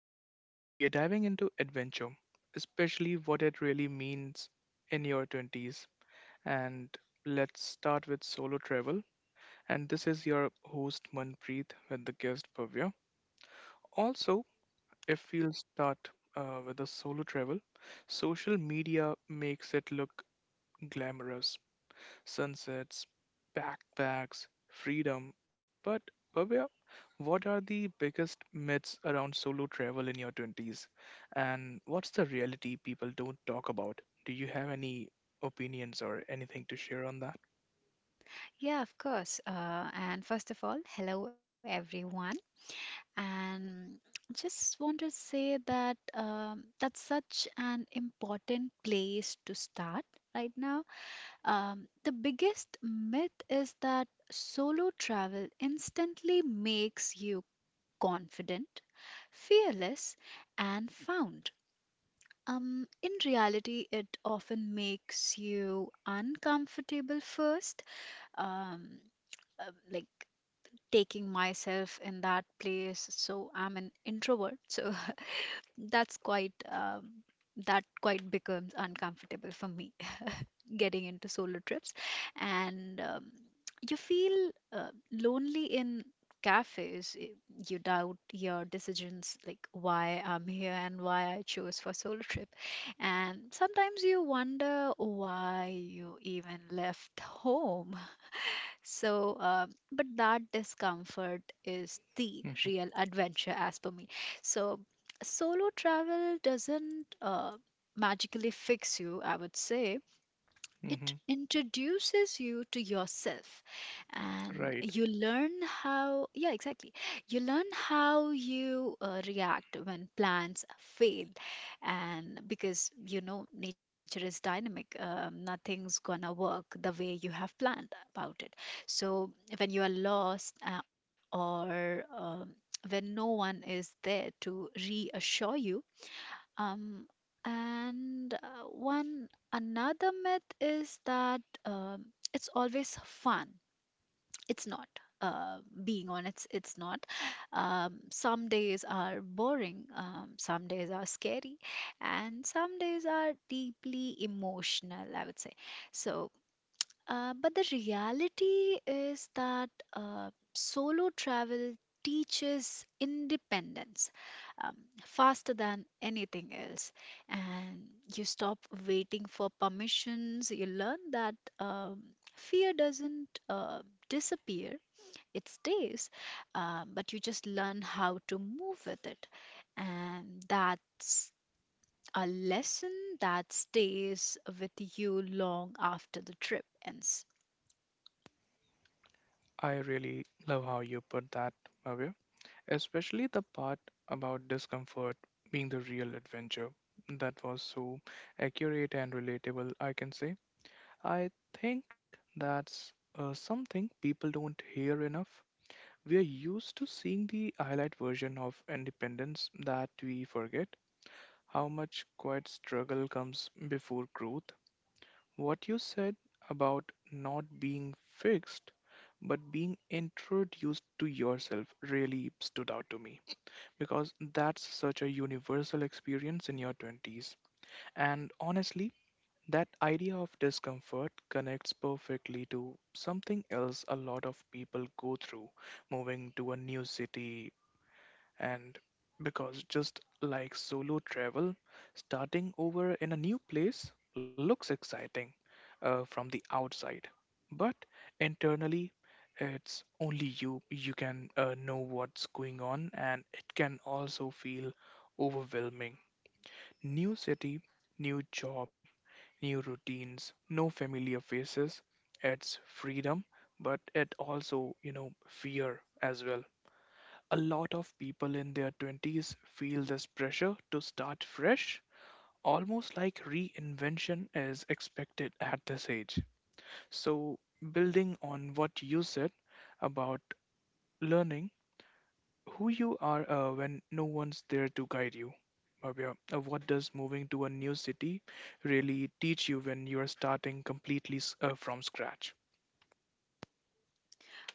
Today, we are diving into adventure, especially what it really means in your 20s. And let's start with solo travel. And this is your host, Manpreet, with the guest, Bhavya. Also, if we'll start with the solo travel, social media makes it look glamorous sunsets, backpacks, freedom. But Bhavya, what are the biggest myths around solo travel in your 20s? And what's the reality people don't talk about? Do you have any opinions or anything to share on that? Yeah, of course. And first of all, hello everyone. And just want to say that that's such an important place to start right now. The biggest myth is that solo travel instantly makes you confident, fearless, and found. In reality, it often makes you uncomfortable first. Um, like taking myself in that place. So I'm an introvert. So that's quite um, that quite becomes uncomfortable for me getting into solo trips, and you feel lonely in cafes. You doubt your decisions, like why I'm here and why I chose for solo trip, and sometimes you wonder why you even left home. So, but that discomfort is the hmm real adventure, as per me. So, solo travel doesn't magically fix you, I would say it hmm. introduces you to yourself, and Right. you learn how yeah exactly you learn how you react when plans fail, and because you know nature is dynamic nothing's gonna work the way you have planned about it. So, when you are lost or when no one is there to reassure you. Um, and uh, one another myth is that it's always fun. It's not. Uh, being honest, it's not. Some days are boring, some days are scary, and some days are deeply emotional, I would say. So, but the reality is that solo travel teaches independence um, faster than anything else. And you stop waiting for permissions. You learn that fear doesn't disappear, it stays, but you just learn how to move with it. And that's a lesson that stays with you long after the trip ends. I really love how you put that, Bhavya, especially the part about discomfort being the real adventure. That was so accurate and relatable, I can say. I think that's something people don't hear enough. We are used to seeing the highlight version of independence that we forget how much quiet struggle comes before growth. What you said about not being fixed but being introduced to yourself really stood out to me, because that's such a universal experience in your 20s. And honestly, that idea of discomfort connects perfectly to something else a lot of people go through, moving to a new city, and because just like solo travel, starting over in a new place looks exciting from the outside, but internally, it's only you can know what's going on, and it can also feel overwhelming. New city, new job, new routines, no familiar faces. It's freedom, but it also, you know, fear as well. A lot of people in their 20s feel this pressure to start fresh, almost like reinvention is expected at this age. So, building on what you said about learning who you are when no one's there to guide you, Bhavya, what does moving to a new city really teach you when you're starting completely from scratch?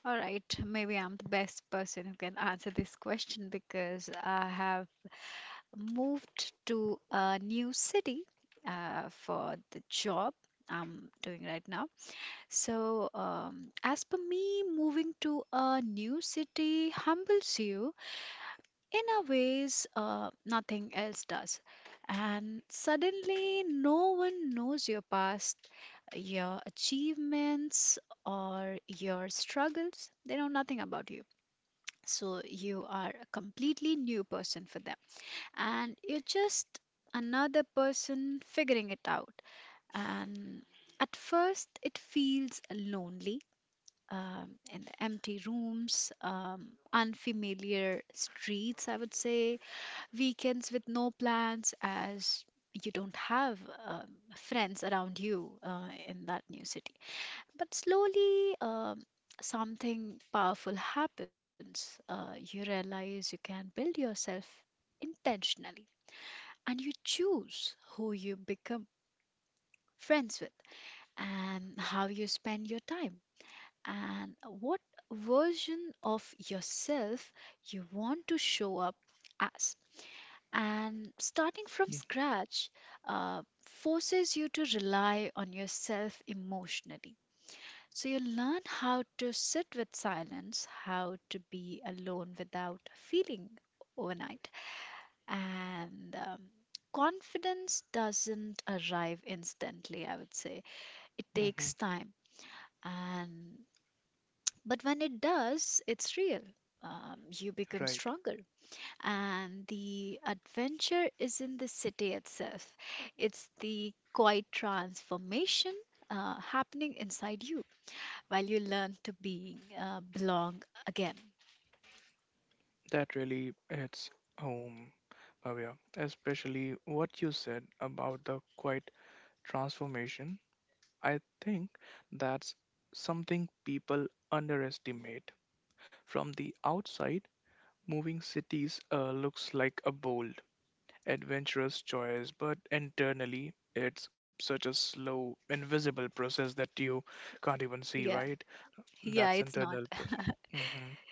All right, maybe I'm the best person who can answer this question because I have moved to a new city for the job I'm doing right now. So, as per me, moving to a new city humbles you in a ways nothing else does. And suddenly, no one knows your past, your achievements, or your struggles. They know nothing about you, so you are a completely new person for them. And you're just another person figuring it out. And at first, it feels lonely. In the empty rooms, unfamiliar streets, I would say, weekends with no plans, as you don't have um, friends around you in that new city. But slowly, something powerful happens. You realize you can build yourself intentionally, and you choose who you become friends with, and how you spend your time, and what version of yourself you want to show up as. And starting from scratch forces you to rely on yourself emotionally. So you learn how to sit with silence, how to be alone without feeling overnight. And confidence doesn't arrive instantly, I would say. It Mm-hmm. takes time. And but when it does, it's real. You become Right. stronger. And the adventure is in the city itself. It's the quiet transformation happening inside you while you learn to be belong again. That really hits home, Bhavya, especially what you said about the quiet transformation. I think that's something people underestimate. From the outside, moving cities looks like a bold, adventurous choice, but internally, it's such a slow, invisible process that you can't even see, Yeah, right? yeah, That's it's not. internal process. Mhm.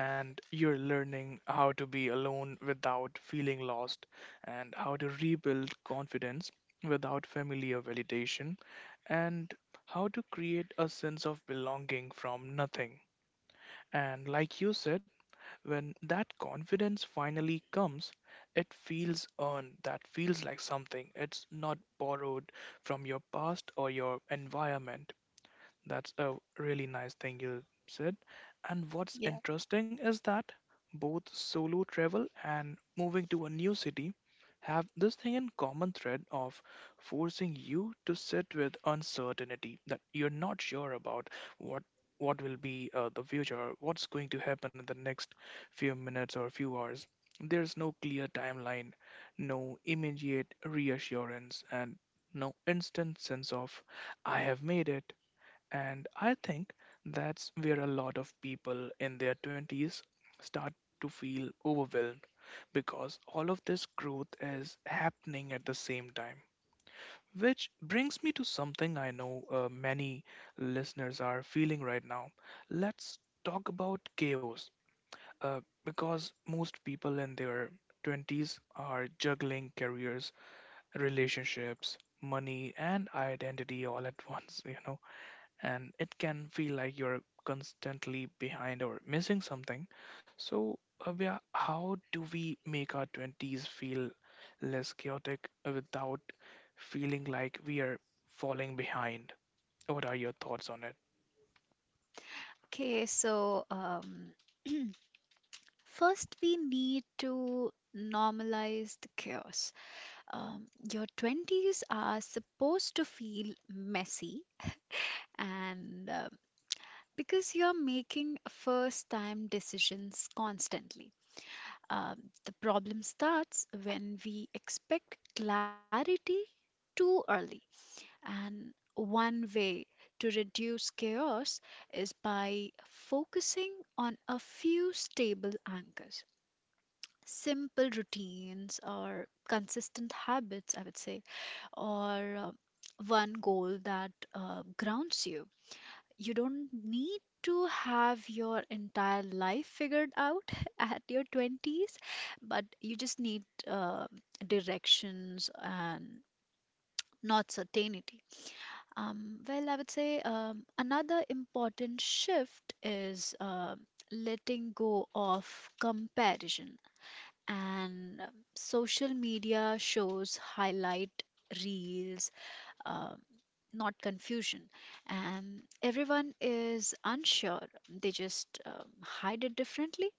And you're learning how to be alone without feeling lost, and how to rebuild confidence without familiar validation, and how to create a sense of belonging from nothing. And like you said, when that confidence finally comes, it feels earned, that feels like something. It's not borrowed from your past or your environment. That's a really nice thing you said. And what's Yeah. interesting is that both solo travel and moving to a new city have this thing in common thread of forcing you to sit with uncertainty, that you're not sure about what what will be the future, what's going to happen in the next few minutes or few hours. There's no clear timeline, no immediate reassurance, and no instant sense of I have made it, and I think that's where a lot of people in their 20s start to feel overwhelmed because all of this growth is happening at the same time. Which brings me to something I know many listeners are feeling right now. Let's talk about chaos because most people in their 20s are juggling careers, relationships, money, and identity all at once, you know, and it can feel like you're constantly behind or missing something. So, Abhya, how do we make our 20s feel less chaotic without feeling like we are falling behind? What are your thoughts on it? Okay, so first we need to normalize the chaos. Um, your 20s are supposed to feel messy and because you're making first time decisions constantly. The problem starts when we expect clarity too early. And one way to reduce chaos is by focusing on a few stable anchors. Simple routines or consistent habits, I would say, or one goal that grounds you. You don't need to have your entire life figured out at your 20s, but you just need directions and not certainty. Well, I would say another important shift is letting go of comparison. And social media shows highlight reels, uh, not confusion. And everyone is unsure, they just hide it differently.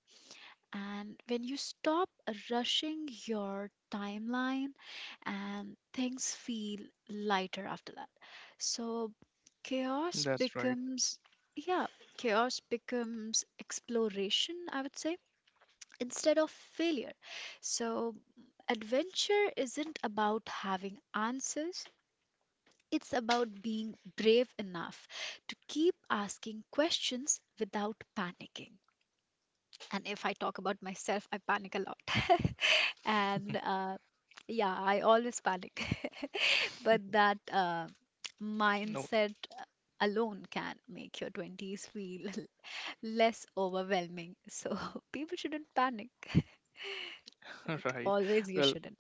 And when you stop rushing your timeline, and things feel lighter after that. So, Chaos That's right. becomes, yeah, chaos becomes exploration, I would say, instead of failure. So, adventure isn't about having answers, it's about being brave enough to keep asking questions without panicking. And if I talk about myself, I panic a lot. And yeah, I always panic. But that No, mindset alone can make your 20s feel less overwhelming. So people shouldn't panic. Like right. always, you Well, shouldn't.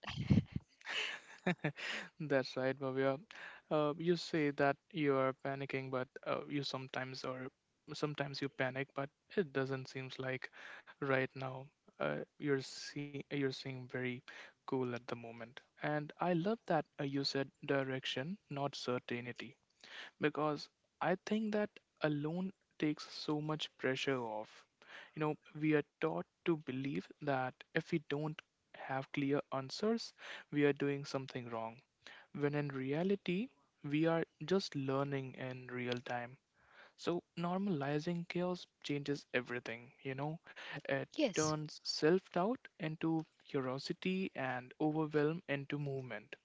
that's right, Bhavya. You say that you are panicking, but you sometimes or sometimes you panic, but it doesn't seems like right now you're seeing very cool at the moment. And I love that you said direction, not certainty, because I think that alone takes so much pressure off. You know, we are taught to believe that if we don't have clear answers, we are doing something wrong when in reality, we are just learning in real time. So, normalizing chaos changes everything, you know? It Yes, turns self doubt into curiosity and overwhelm into movement,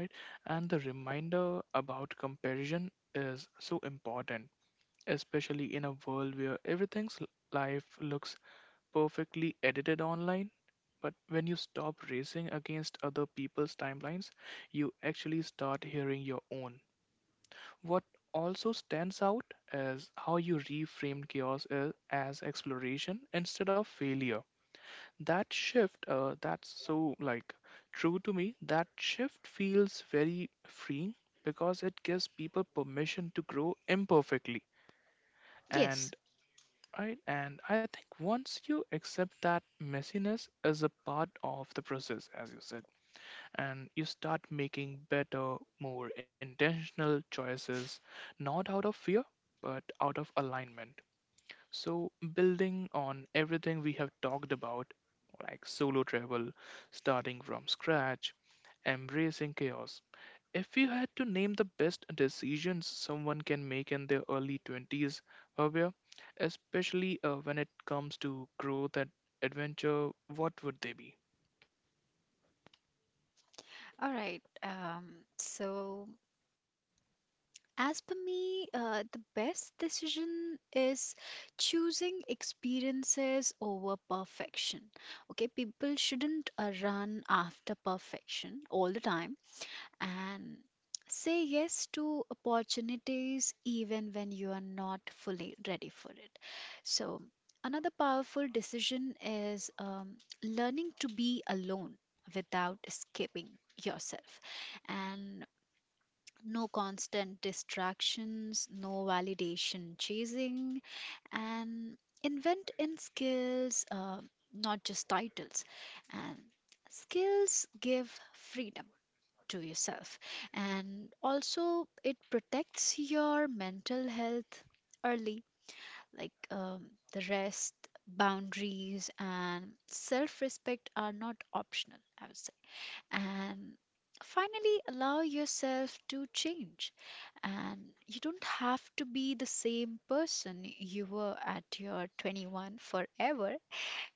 right? And the reminder about comparison is so important, especially in a world where everything's life looks perfectly edited online. But when you stop racing against other people's timelines, you actually start hearing your own. What also stands out is how you reframed as exploration instead of failure. That shift, that's so like true to me. That shift feels very freeing because it gives people permission to grow imperfectly, yes. and right? And I think once you accept that messiness is a part of the process, as you said, and you start making better, more intentional choices, not out of fear, but out of alignment. So, building on everything we have talked about, like solo travel, starting from scratch, embracing chaos, if you had to name the best decisions someone can make in their early 20s, Bhavya, especially when it comes to growth and adventure, what would they be? All right. So, as per me, the best decision is choosing experiences over perfection. Okay, people shouldn't run after perfection all the time. And say yes to opportunities even when you are not fully ready for it. So, another powerful decision is learning to be alone without escaping yourself, and no constant distractions, no validation chasing, and invent in skills, not just titles. And skills give freedom to yourself. And also, it protects your mental health early, like the rest, boundaries, and self respect are not optional, I would say. And finally, allow yourself to change. And you don't have to be the same person you were at your 21 forever,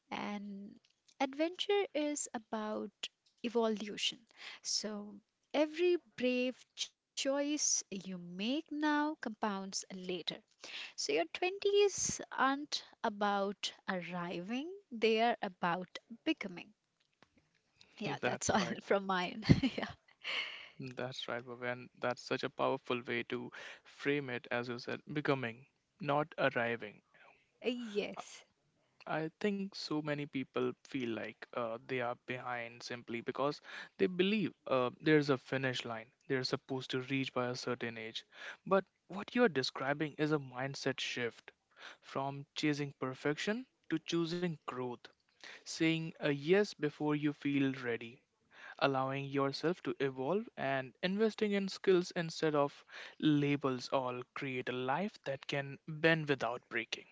and adventure is about evolution. So every brave choice you make now compounds later. So your 20s aren't about arriving, they are about becoming. Yeah, that's That's all right. from mine. Yeah. That's right, Bhavya. And that's such a powerful way to frame it, as you said, becoming, not arriving. Yes. I think so many people feel like they are behind simply because they believe there's a finish line they're supposed to reach by a certain age. But what you're describing is a mindset shift from chasing perfection to choosing growth. Saying a yes before you feel ready, allowing yourself to evolve, and investing in skills instead of labels all create a life that can bend without breaking.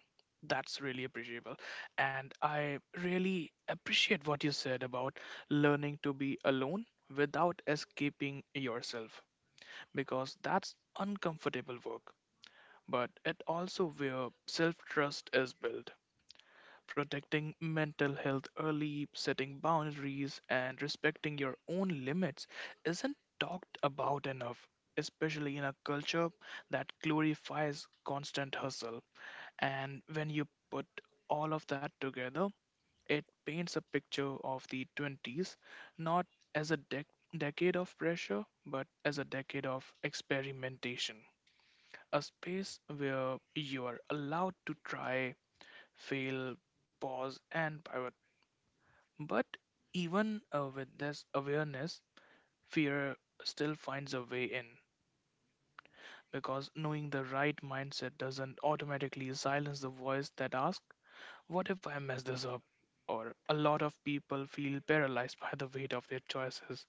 That's really appreciable, and I really appreciate what you said about learning to be alone without escaping yourself, because that's uncomfortable work, but it also where self trust is built. Protecting mental health early, setting boundaries, and respecting your own limits isn't talked about enough, especially in a culture that glorifies constant hustle. And when you put all of that together, it paints a picture of the 20s not as a decade of pressure, but as a decade of experimentation. A space where you are allowed to try, fail, pause, and pivot. But even with this awareness, fear still finds a way in because knowing the right mindset doesn't automatically silence the voice that asks, what if I mess this up? Or a lot of people feel paralyzed by the weight of their choices,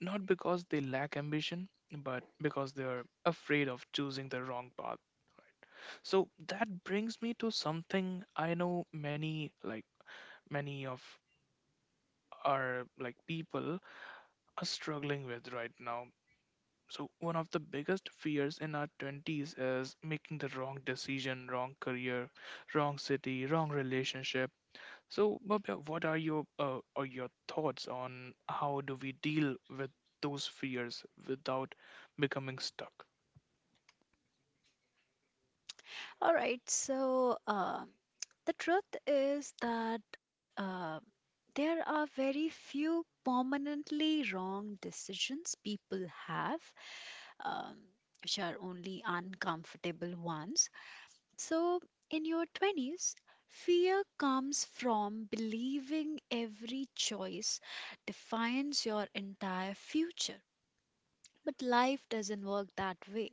not because they lack ambition, but because they're afraid of choosing the wrong path. So that brings me to something I know many, like many of our like people are struggling with right now. So, one of the biggest fears in our 20s is making the wrong decision, wrong career, wrong city, wrong relationship. So, Bhavya, what are your or your thoughts on how do we deal with those fears without becoming stuck? All right. So, the truth is that there are very few permanently wrong decisions people have, um, which are only uncomfortable ones. So, in your 20s, fear comes from believing every choice defines your entire future. But life doesn't work that way.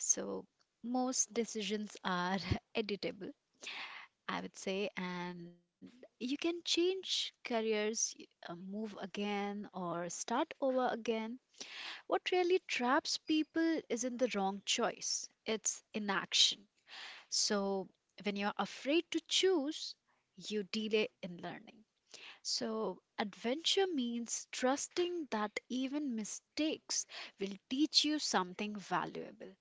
So, most decisions are editable, I would say, and you can change careers, move again, or start over again. What really traps people isn't the wrong choice, it's inaction. So, when you're afraid to choose, you delay in learning. So, adventure means trusting that even mistakes will teach you something valuable.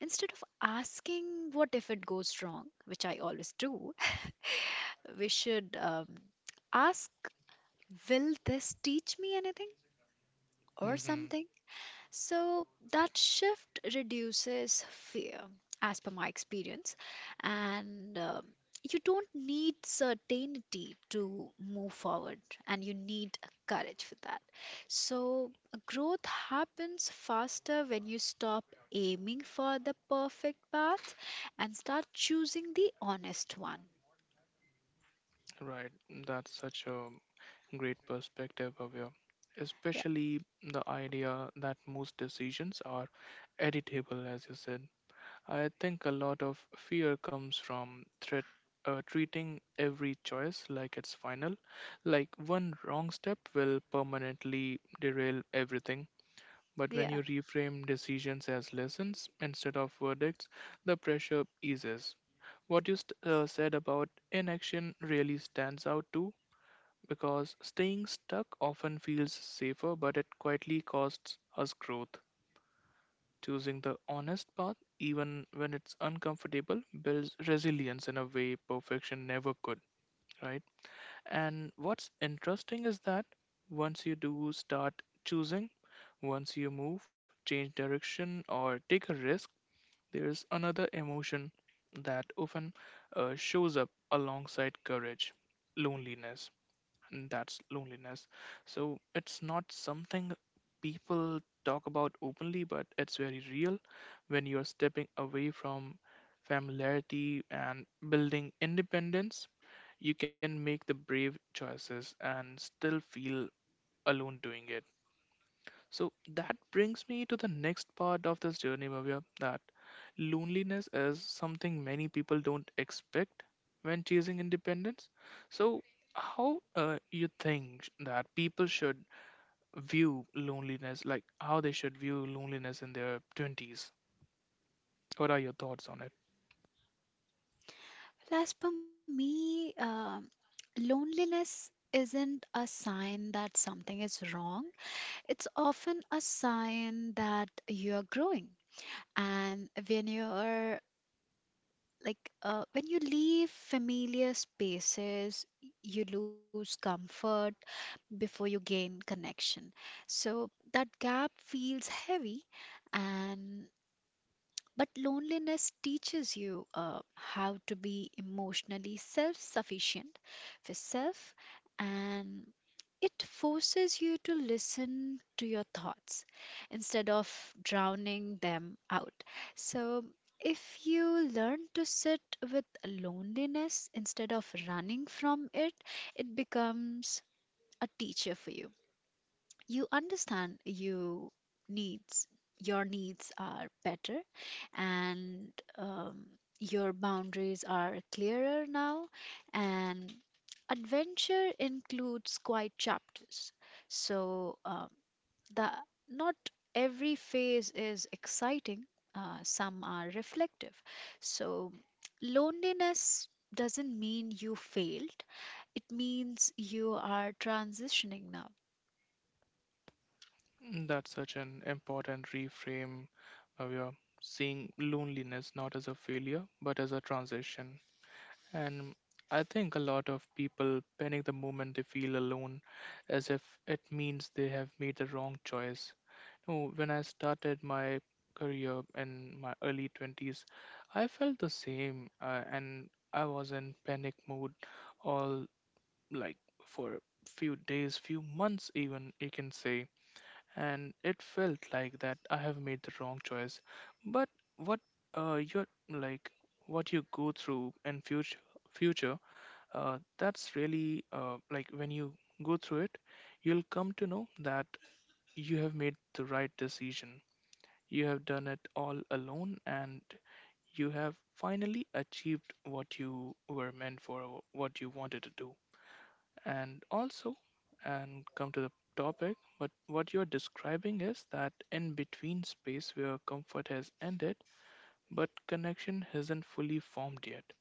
Instead of asking, "What if it goes wrong?", which I always do, we should ask, "Will this teach me anything or Hmm. something?" So that shift reduces fear, as per my experience, and you don't need certainty to move forward, and you need courage for that. So growth happens faster when you stop aiming for the perfect path and start choosing the honest one. Right, that's such a great perspective, Bhavya. Yeah, Especially the idea that most decisions are editable, as you said. I think a lot of fear comes from threat, treating every choice like it's final, like one wrong step will permanently derail everything. But when yeah. you reframe decisions as lessons instead of verdicts, the pressure eases. What you said about inaction really stands out too, because staying stuck often feels safer, but it quietly costs us growth. Choosing the honest path, even when it's uncomfortable, builds resilience in a way perfection never could, right? And what's interesting is that once you do start choosing, once you move, change direction, or take a risk, there's another emotion that often shows up alongside courage loneliness and that's loneliness. So it's not something people talk about openly, but it's very real when you are stepping away from familiarity and building independence. You can make the brave choices and still feel alone doing it. So that brings me to the next part of this journey, Bhavya, that loneliness is something many people don't expect when chasing independence. So how you think that people should view loneliness, like how they should view loneliness in their 20s? What are your thoughts on it? Well, as per me, loneliness isn't a sign that something is wrong. It's often a sign that you're growing. And when you leave familiar spaces, you lose comfort before you gain connection. So that gap feels heavy, and but loneliness teaches you how to be emotionally self sufficient for self, and it forces you to listen to your thoughts instead of drowning them out. So, if you learn to sit with loneliness instead of running from it, it becomes a teacher for you. You understand you needs your needs are better, and um, your boundaries are clearer now. And adventure includes quite chapters. So, the not every phase is exciting, some are reflective. So loneliness doesn't mean you failed, it means you are transitioning now. Mm, that's such an important reframe, Bhavya, seeing loneliness not as a failure, but as a transition. And I think a lot of people panic the moment they feel alone, as if it means they have made the wrong choice. No, when I started my career in my early 20s, I felt the same, and I was in panic mode all like for few days, few months, even you can say. And it felt like that I have made the wrong choice. But what you're like, what you go through in future that's really like when you go through it, you'll come to know that you have made the right decision. You have done it all alone and you have finally achieved what you were meant for, or what you wanted to do. And also, and come to the topic, but what you're describing is that in between space where comfort has ended, but connection hasn't fully formed yet.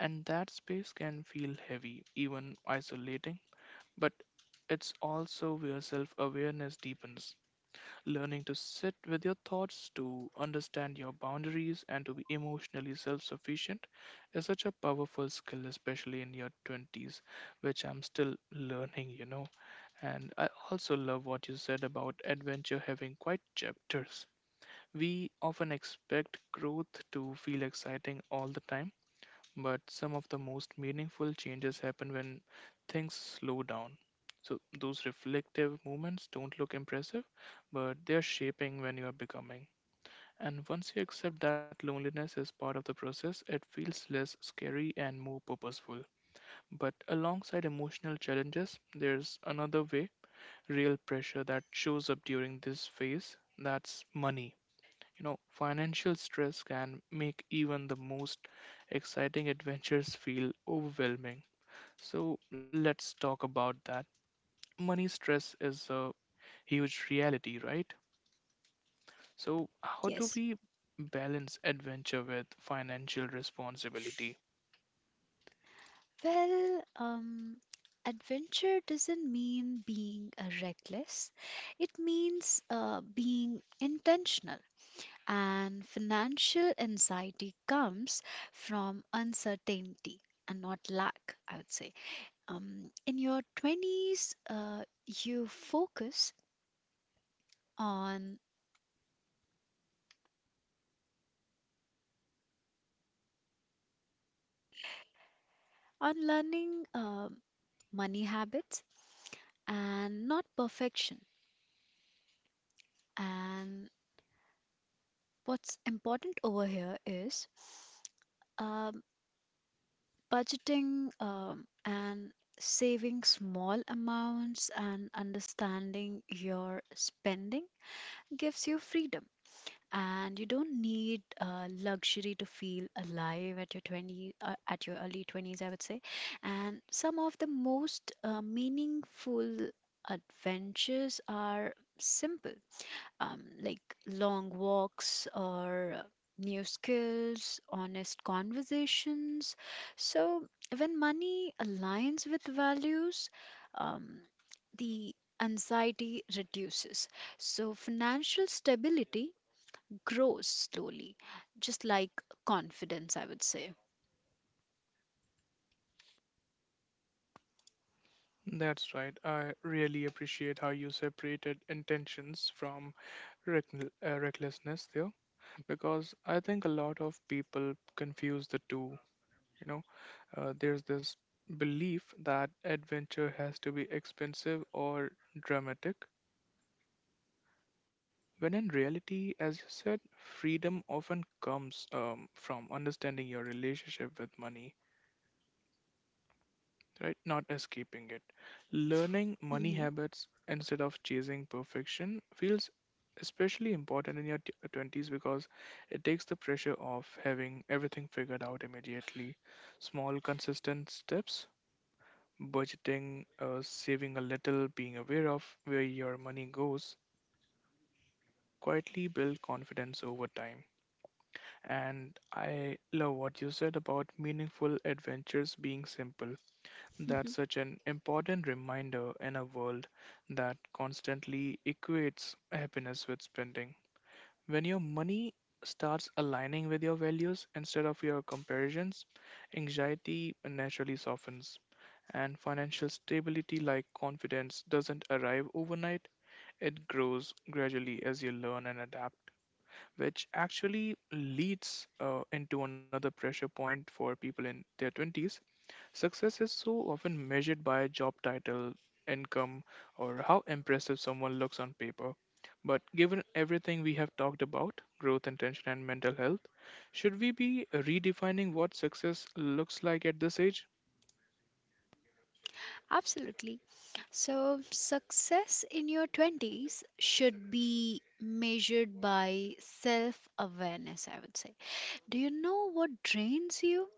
And that space can feel heavy, even isolating, but it's also where self awareness deepens. Learning to sit with your thoughts, to understand your boundaries, and to be emotionally self sufficient is such a powerful skill, especially in your 20s, which I'm still learning. And I also love what you said about adventure having quite chapters. We often expect growth to feel exciting all the time, but some of the most meaningful changes happen when things slow down. So those reflective moments don't look impressive, but they're shaping when you are becoming. And once you accept that loneliness is part of the process, it feels less scary and more purposeful. But alongside emotional challenges, there's another way, real pressure that shows up during this phase, that's money. Financial stress can make even the most exciting adventures feel overwhelming. So let's talk about that. Money stress is a huge reality, right? So, how do Yes. we balance adventure with financial responsibility? Well, adventure doesn't mean being reckless. It means being intentional. And financial anxiety comes from uncertainty and not lack, I would say. In your 20s, you focus on on learning money habits and not perfection. And what's important over here is um, budgeting and saving small amounts, and understanding your spending gives you freedom. And you don't need luxury to feel alive at your early 20s, I would say. And some of the most meaningful adventures are simple, like long walks or new skills, honest conversations. So, when money aligns with values, um, the anxiety reduces. So, financial stability grows slowly, just like confidence, I would say. That's right. I really appreciate how you separated intentions from recklessness there, because I think a lot of people confuse the two. You know, there's this belief that adventure has to be expensive or dramatic, when in reality, as you said, freedom often comes from understanding your relationship with money, right? Not escaping it. Learning money Hmm. habits instead of chasing perfection feels especially important in your 20s, because it takes the pressure off having everything figured out immediately. Small, consistent steps, budgeting, saving a little, being aware of where your money goes, quietly build confidence over time. And I love what you said about meaningful adventures being simple. That's such an important reminder in a world that constantly equates happiness with spending. When your money starts aligning with your values instead of your comparisons, anxiety naturally softens. And financial stability, like confidence, doesn't arrive overnight. It grows gradually as you learn and adapt, which actually leads into another pressure point for people in their 20s. Success is so often measured by job title, income, or how impressive someone looks on paper. But given everything we have talked about, growth, intention, and mental health, should we be redefining what success looks like at this age? Absolutely. So, success in your 20s should be measured by self awareness, I would say. Do you know what drains you?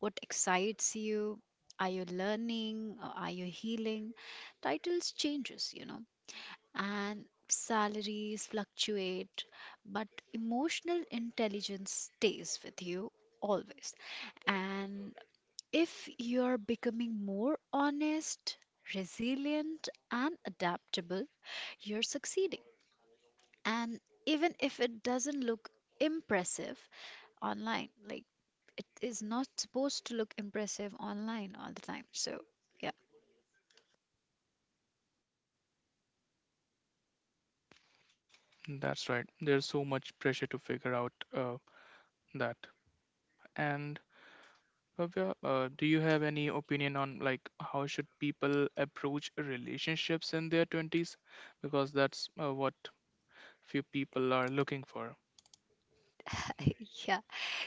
What excites you? Are you learning? Or are you healing? Titles changes, and salaries fluctuate, but emotional intelligence stays with you always. And if you're becoming more honest, resilient, and adaptable, you're succeeding. And even if it doesn't look impressive online, like it is not supposed to look impressive online all the time. So, yeah. That's right, there's so much pressure to figure out that. And Bhavya, do you have any opinion on like how should people approach relationships in their 20s? Because that's what few people are looking for. Yeah.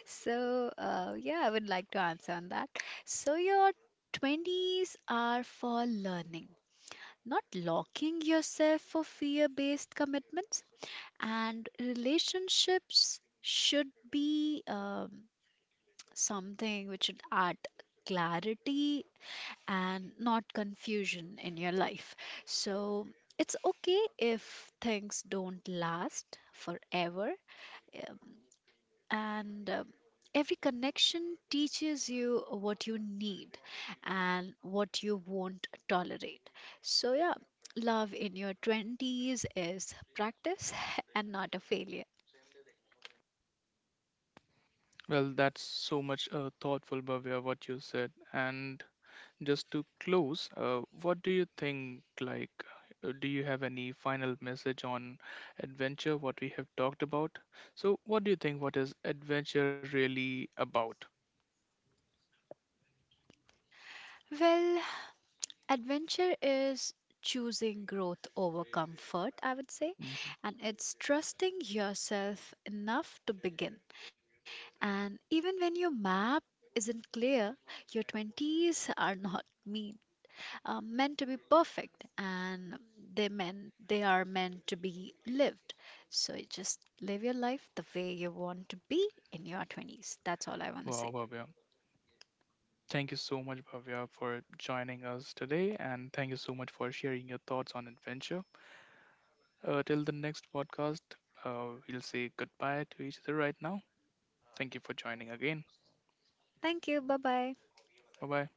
So, yeah, I would like to answer on that. So, your 20s are for learning, not locking yourself for fear based commitments. And relationships should be something which should add clarity and not confusion in your life. So it's okay if things don't last forever. um, And every connection teaches you what you need and what you won't tolerate. So, yeah, love in your 20s is practice and not a failure. Well, that's so much thoughtful, Bhavya, what you said. And just to close, what do you think? Like, do you have any final message on adventure, what we have talked about? So, what do you think? What is adventure really about? Well, adventure is choosing growth over comfort, I would say, Mhm. and it's trusting yourself enough to begin. And even when your map isn't clear, your 20s are not mean meant to be perfect, and they are meant to be lived. So you just live your life the way you want to be in your 20s. That's all I want to Wow, say. Bhavya. Thank you so much, Bhavya, for joining us today. And thank you so much for sharing your thoughts on adventure. Till the next podcast, we'll say goodbye to each other right now. Thank you for joining again. Thank you, bye bye. Bye bye.